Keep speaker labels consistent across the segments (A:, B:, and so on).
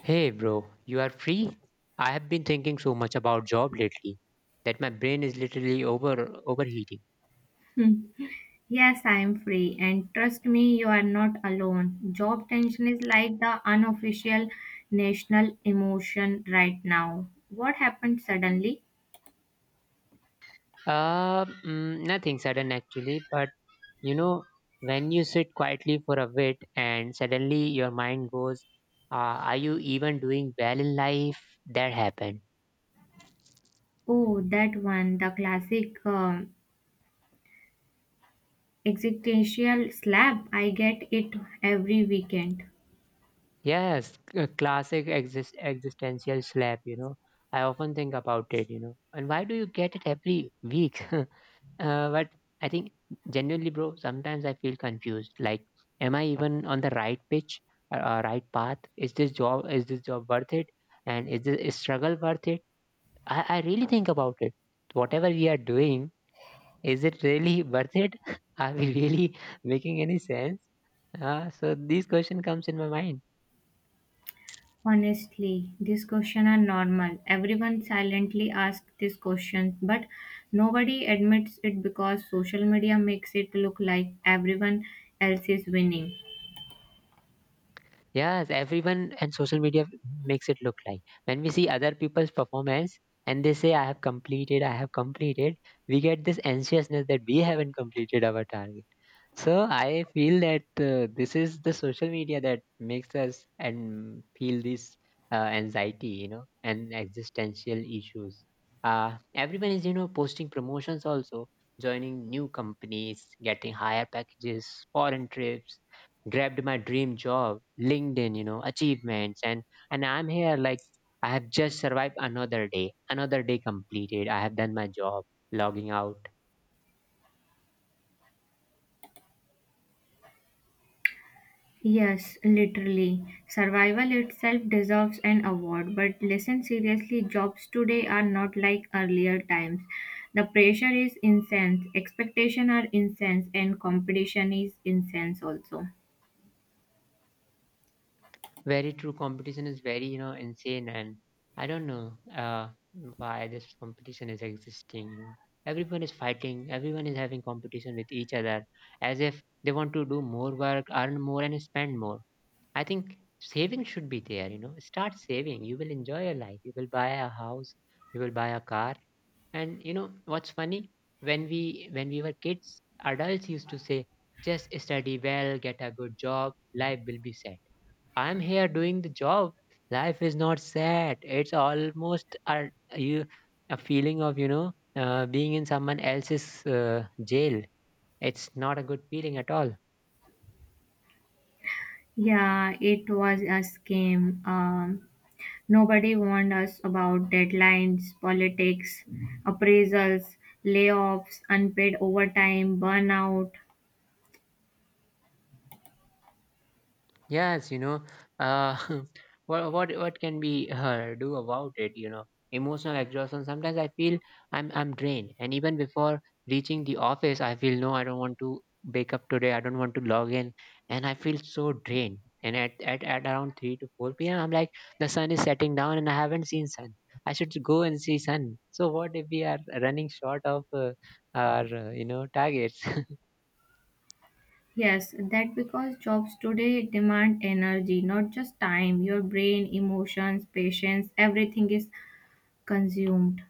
A: Hey, bro, you are free? I have been thinking so much about job lately that my brain is literally overheating.
B: Hmm. Yes, I am free, and trust me, you are not alone. Job tension is like the unofficial national emotion right now. What happened suddenly?
A: Nothing sudden actually, but you know, when you sit quietly for a bit and suddenly your mind goes, "Are you even doing well in life?" That happened.
B: Oh, that one, the classic existential slap. I get it every weekend.
A: Yes, c- classic exist existential slap. You know, I often think about it. You know, and why do you get it every week? But I think genuinely, bro, sometimes I feel confused. Like, am I even on the right pitch, or right path? Is this job worth it? And is this struggle worth it? I really think about it. Whatever we are doing, is it really worth it? Are we really making any sense? So these question comes in my mind.
B: Honestly, these questions are normal. Everyone silently asks these questions, but nobody admits it because social media makes it look like everyone else is winning.
A: Yes, everyone and social media makes it look like. When we see other people's performance and they say, I have completed, we get this anxiousness that we haven't completed our target. So I feel that this is the social media that makes us and feel this anxiety, you know, and existential issues. Everyone is, you know, posting promotions also, joining new companies, getting higher packages, foreign trips, grabbed my dream job, LinkedIn, you know, achievements, and I'm here like I have just survived another day completed. I have done my job, logging out.
B: Yes, literally. Survival itself deserves an award, but listen seriously, jobs today are not like earlier times. The pressure is intense, expectation are intense, and competition is intense also.
A: Very true, competition is very, you know, insane, and I don't know, why this competition is existing. Everyone is fighting, everyone is having competition with each other, as if they want to do more work, earn more, and spend more. I think saving should be there, you know, start saving, you will enjoy your life, you will buy a house, you will buy a car. And you know what's funny, when we when we were kids, adults used to say, just study well, get a good job, life will be set. I'm here doing the job. Life is not sad. It's almost a feeling of, you know, being in someone else's jail. It's not a good feeling at all.
B: Yeah, it was a scam. Nobody warned us about deadlines, politics, appraisals, layoffs, unpaid overtime, burnout.
A: Yes, you know, uh, what can we do about it? You know, emotional exhaustion. Sometimes I feel I'm drained, and even before reaching the office, I feel no, I don't want to wake up today. I don't want to log in, and I feel so drained. And at around three to four p.m., I'm like the sun is setting down, and I haven't seen sun. I should go and see sun. So what if we are running short of our you know targets?
B: Yes, that because jobs today demand energy, not just time. Your brain, emotions, patience, everything is consumed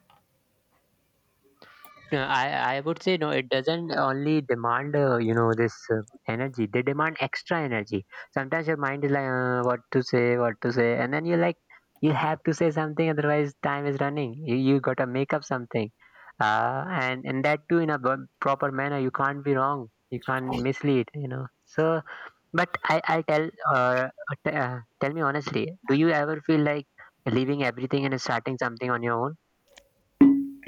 A: Uh, I I would say no. It doesn't only demand you know this energy. They demand extra energy. Sometimes your mind is like what to say, and then you're like you have to say something, otherwise time is running. You gotta make up something, and that too in a proper manner. You can't be wrong. You can't mislead. You know. So, but I tell me honestly, do you ever feel like leaving everything and starting something on your own?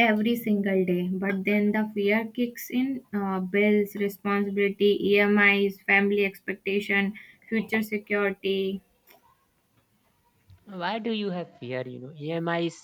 B: every single day. But then the fear kicks in bills, responsibility, EMIs, family expectation, future security.
A: Why do you have fear? You know, EMIs.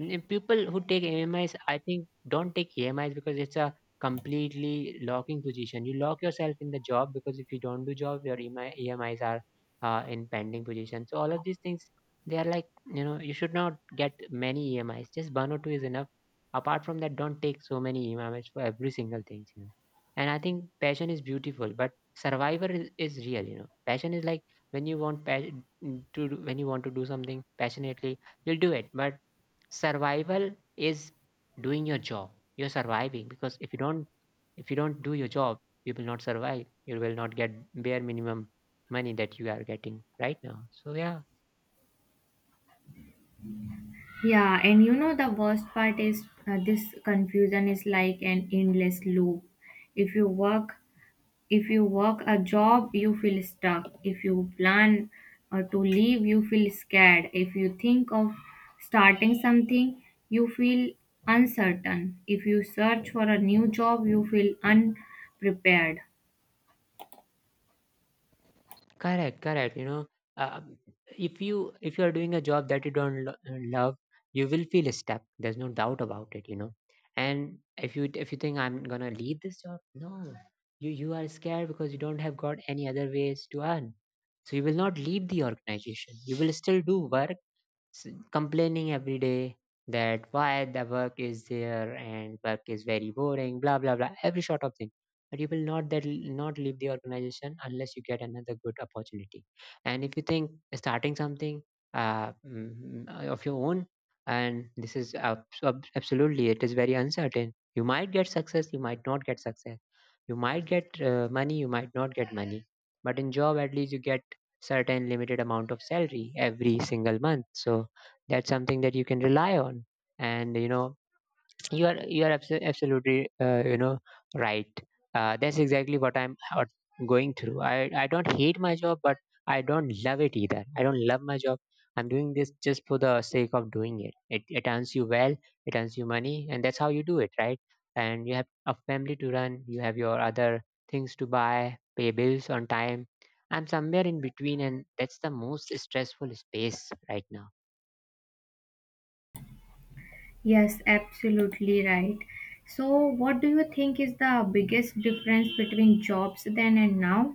A: People who take EMIs, I think, don't take EMIs because it's a completely locking position. You lock yourself in the job because if you don't do job, your EMIs are in pending position. So all of these things, they are like, you know, you should not get many EMIs. Just one or two is enough. Apart from that, don't take so many EMIs for every single thing. You know, and I think passion is beautiful, but survivor is real. You know, passion is like when you want pa- mm, to do, when you want to do something passionately you'll do it, but survival is doing your job. You're surviving because if you don't do your job, you will not survive, you will not get bare minimum money that you are getting right now. So yeah.
B: Yeah, and you know the worst part is this confusion is like an endless loop. If you work If you work a job, you feel stuck. If you plan to leave, you feel scared. If you think of starting something, you feel uncertain. If you search for a new job, you feel unprepared.
A: Correct, correct. You know, um, if you are doing a job that you don't love, you will feel stuck. There's no doubt about it. You know, and if you think I'm gonna leave this job, no, you are scared because you don't have got any other ways to earn. So you will not leave the organization. You will still do work, complaining every day that why the work is there and work is very boring, blah blah blah, every sort of thing, but you will not that not leave the organization unless you get another good opportunity. And if you think starting something, of your own, and this is absolutely, it is very uncertain. You might get success, you might not get success, you might get money, you might not get money, but in job at least you get certain limited amount of salary every single month. So that's something that you can rely on. And you know, you are absolutely, you know, right. That's exactly what going through. I don't hate my job, but I don't love it either. I don't love my job. I'm doing this just for the sake of doing it. It earns you well, it earns you money, and that's how you do it, right? And you have a family to run, you have your other things to buy, pay bills on time. I'm somewhere in between, and that's the most stressful space right now.
B: Yes, absolutely right. So, what do you think is the biggest difference between jobs then and now?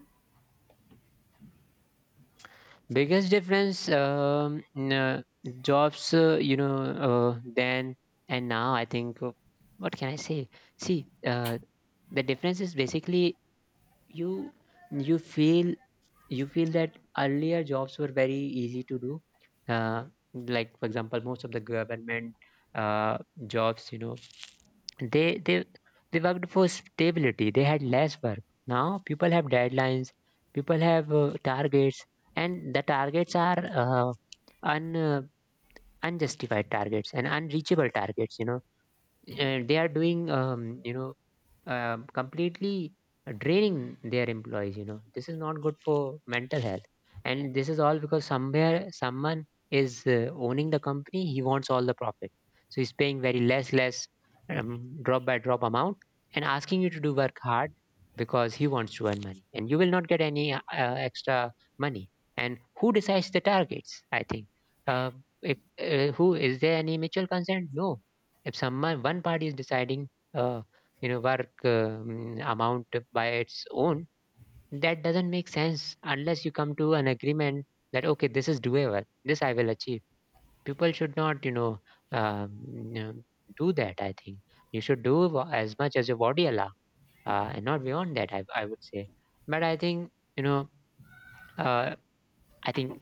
A: Biggest difference, in, jobs, you know, then and now, I think, what can I say? See, the difference is basically you you feel you feel that earlier jobs were very easy to do, uh, like for example most of the government uh, jobs, you know, they they worked for stability, they had less work. Now people have deadlines, people have targets, and the targets are un unjustified targets and unreachable targets, you know, and they are doing, you know, completely draining their employees. You know, this is not good for mental health, and this is all because somewhere someone is owning the company, he wants all the profit. So he's paying very less, um, drop by drop amount, and asking you to do work hard because he wants to earn money, and you will not get any extra money. And who decides the targets? I think, uh, if who is there, any mutual consent? No. If someone, one party is deciding, you know, work, amount by its own, that doesn't make sense unless you come to an agreement that okay, this is doable, this I will achieve. People should not, you know, um, you know, do that. I think you should do as much as your body allow, and not beyond that, I would say. But I think, you know, uh, I think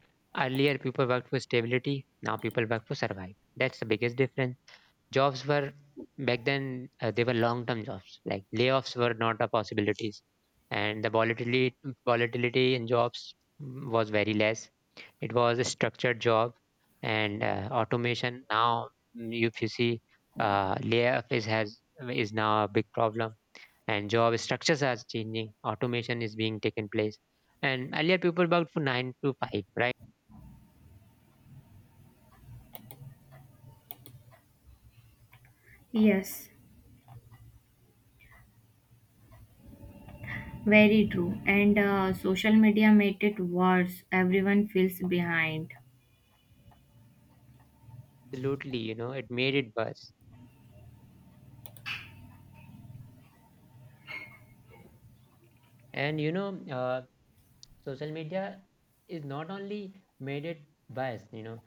A: earlier people worked for stability, now people work for survive. That's the biggest difference. Jobs were back then, they were long-term jobs. Like layoffs were not a possibilities, and the volatility in jobs was very less. It was a structured job, and automation now, if you see, layoff is has is now a big problem, and job structures are changing. Automation is being taken place, and earlier people worked for nine to five, right?
B: Yes, very true. And social media made it worse. Everyone feels behind.
A: Absolutely, you know, it made it worse. And you know, social media is not only made it biased, you know,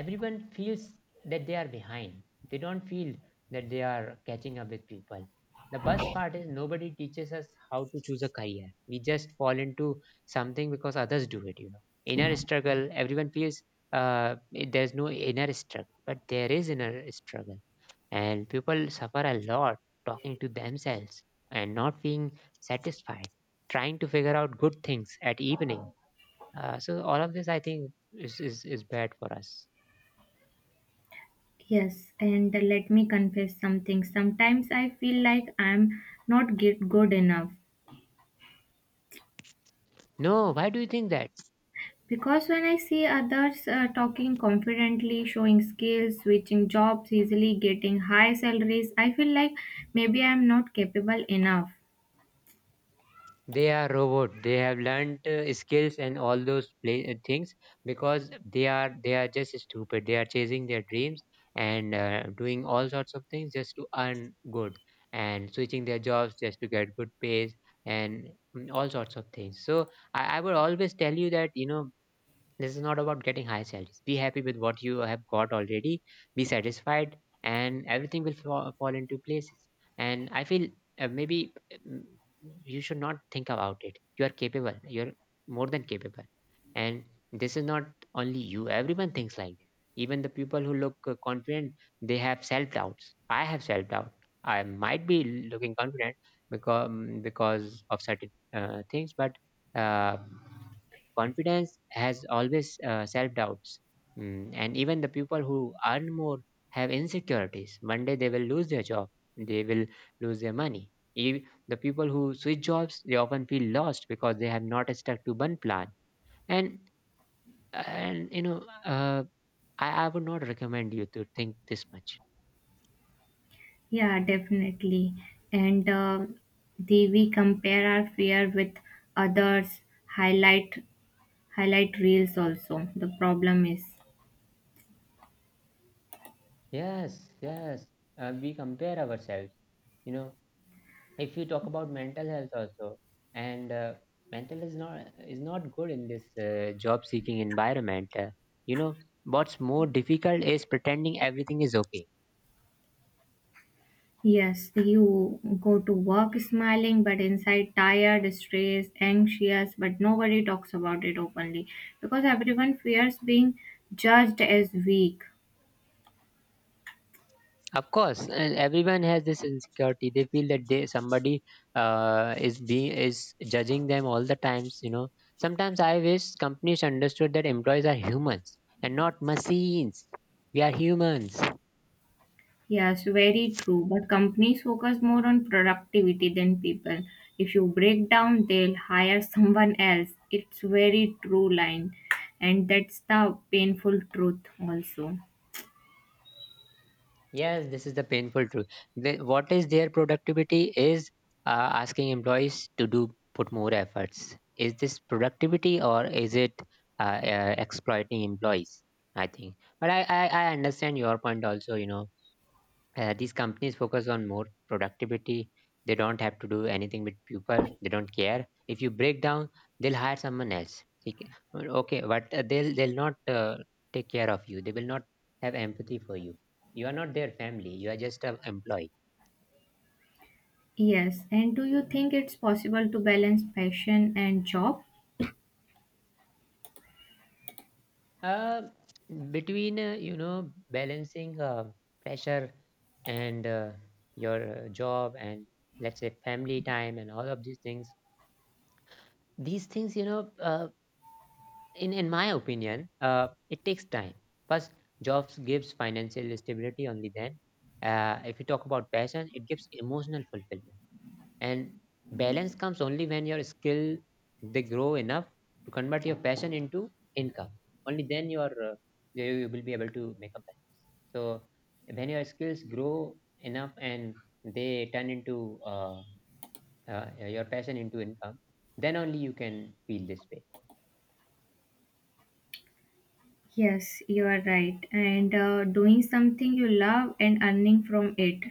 A: everyone feels that they are behind, they don't feel that they are catching up with people. The best part is nobody teaches us how to choose a career, we just fall into something because others do it. You know, inner struggle everyone feels, uh, there's no inner struggle but there is inner struggle, and people suffer a lot talking to themselves and not being satisfied, trying to figure out good things at evening. So all of this I think is is bad for us.
B: Yes, and let me confess something. Sometimes I feel like I'm not get good enough
A: No, why do you think that?
B: because when I see others talking confidently, showing skills, switching jobs easily, getting high salaries, I feel like maybe I'm not capable enough.
A: They are robot. They have learned skills and all those play, things because they are just stupid. They are chasing their dreams and doing all sorts of things just to earn good and switching their jobs just to get good pays, and all sorts of things. So I would always tell you that you know this is not about getting high salaries. Be happy with what you have got already. Be satisfied, and everything will fall into places. And I feel uh, maybe mm, you should not think about it. You are capable. You're more than capable. And this is not only you. Everyone thinks like that. Even the people who look confident, they have self doubts. I have self doubt. I might be looking confident because because of certain things. But. Uh, Confidence has always self doubts. And even the people who earn more have insecurities. One day they will lose their job, they will lose their money. The people who switch jobs, they often feel lost because they have not stuck to one plan. And and uh, I would not recommend you to think this much.
B: Yeah, definitely. And the we compare our fear with others, highlight highlight reels also. The problem is.
A: Yes, yes. We compare ourselves. You know, if you talk about mental health also and mental is not good in this job seeking environment, you know what's more difficult is pretending everything is okay.
B: Yes, you go to work smiling, but inside tired, stressed, anxious, but nobody talks about it openly because everyone fears being judged as weak.
A: Of course, and everyone has this insecurity. They feel that they somebody is being is judging them all the times, you know. Sometimes I wish companies understood that employees are humans and not machines. We are humans.
B: Yes, very true. But companies focus more on productivity than people. If you break down, they'll hire someone else. It's very true line, and that's the painful truth also.
A: Yes, this is the painful truth. Their productivity is, uh, asking employees to do put more efforts. Is this productivity or is it exploiting employees? I think, but I understand your point also. You know, these companies focus on more productivity. They don't have to do anything with people. They don't care. If you break down, they'll hire someone else. Well, okay, but they'll not, take care of you. They will not have empathy for you. You are not their family. You are just an employee.
B: Yes, and do you think it's possible to balance passion and job?
A: Uh, between you know, balancing pressure and your job and, let's say, family time and all of these things. These things, you know, in my opinion, it takes time. First, jobs gives financial stability. Only then, if you talk about passion, it gives emotional fulfillment, and balance comes only when your skill they grow enough to convert your passion into income. Only then your, you will be able to make a balance. So when your skills grow enough and they turn into uh, uh, your passion into income, then only you can feel this way.
B: Yes, you are right. And doing something you love and earning from it.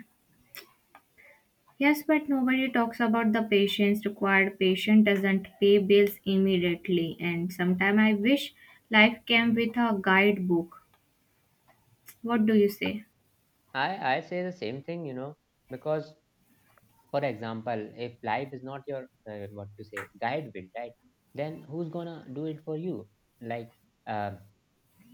B: Yes, but nobody talks about the patience required. Patient doesn't pay bills immediately. And sometimes I wish life came with a guidebook. What do you say?
A: I say the same thing, you know, because, for example, if life is not your, what to say, guide will, right? Then who's gonna do it for you? Like, uh,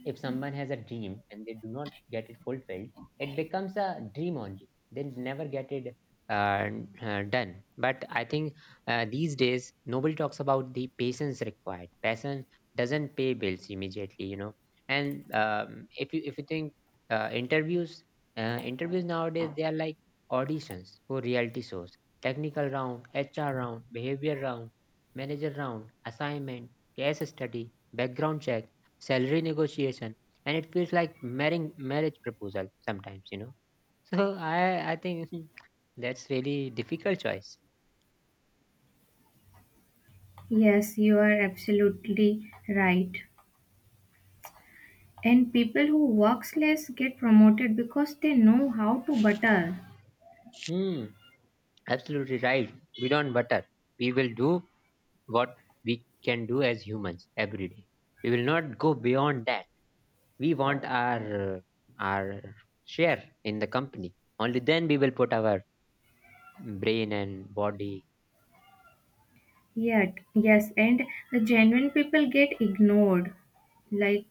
A: if someone has a dream and they do not get it fulfilled, it becomes a dream only. They'll never get it uh, done. But I think, these days nobody talks about the patience required. Passion doesn't pay bills immediately, you know. And if you think, uh, interviews, interviews nowadays, they are like auditions for reality shows: technical round, HR round, behavior round, manager round, assignment, case study, background check, salary negotiation, and it feels like marrying marriage proposal sometimes, you know. So I think that's really difficult choice.
B: Yes, you are absolutely right. And people who works less get promoted because they know how to butter.
A: Hmm, absolutely right. We don't butter. We will do what we can do as humans every day. We will not go beyond that. We want our, our share in the company. Only then we will put our brain and body.
B: Yet, yes, and the genuine people get ignored. Like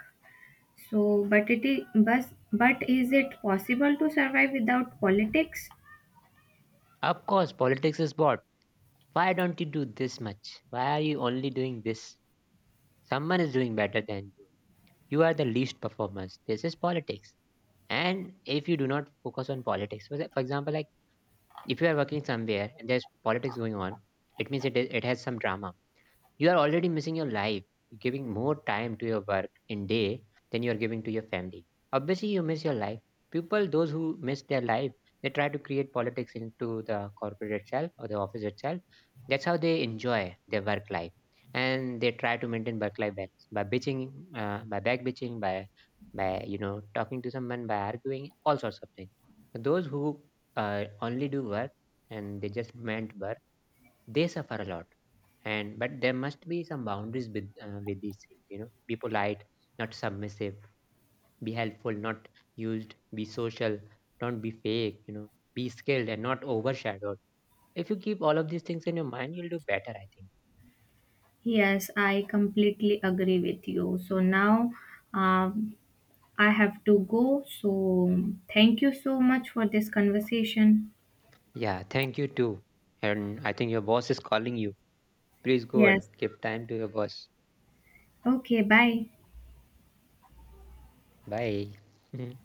B: So, but is it possible to survive without politics?
A: Of course, politics is bought. Why don't you do this much? Why are you only doing this? Someone is doing better than you. You are the least performance. This is politics. And if you do not focus on politics, for example, like, if you are working somewhere and there's politics going on, it means it has some drama. You are already missing your life, giving more time to your work in day than you are giving to your family. Obviously, you miss your life. People, those who miss their life, they try to create politics into the corporate itself or the office itself. That's how they enjoy their work life, and they try to maintain work-life balance by bitching, by back bitching, by, you know, talking to someone, by arguing, all sorts of things. Those who, only do work and they just meant work, they suffer a lot. And but there must be some boundaries with, with these things, you know. Be polite, not submissive. Be helpful, not used. Be social, don't be fake, you know. Be skilled and not overshadowed. If you keep all of these things in your mind, you'll do better, I think.
B: Yes, I completely agree with you. So now um, I have to go. So thank you so much for this conversation.
A: Yeah, thank you too. And I think your boss is calling you. Please go and
B: Yes.
A: give time to your boss.
B: Okay, bye.
A: Bye.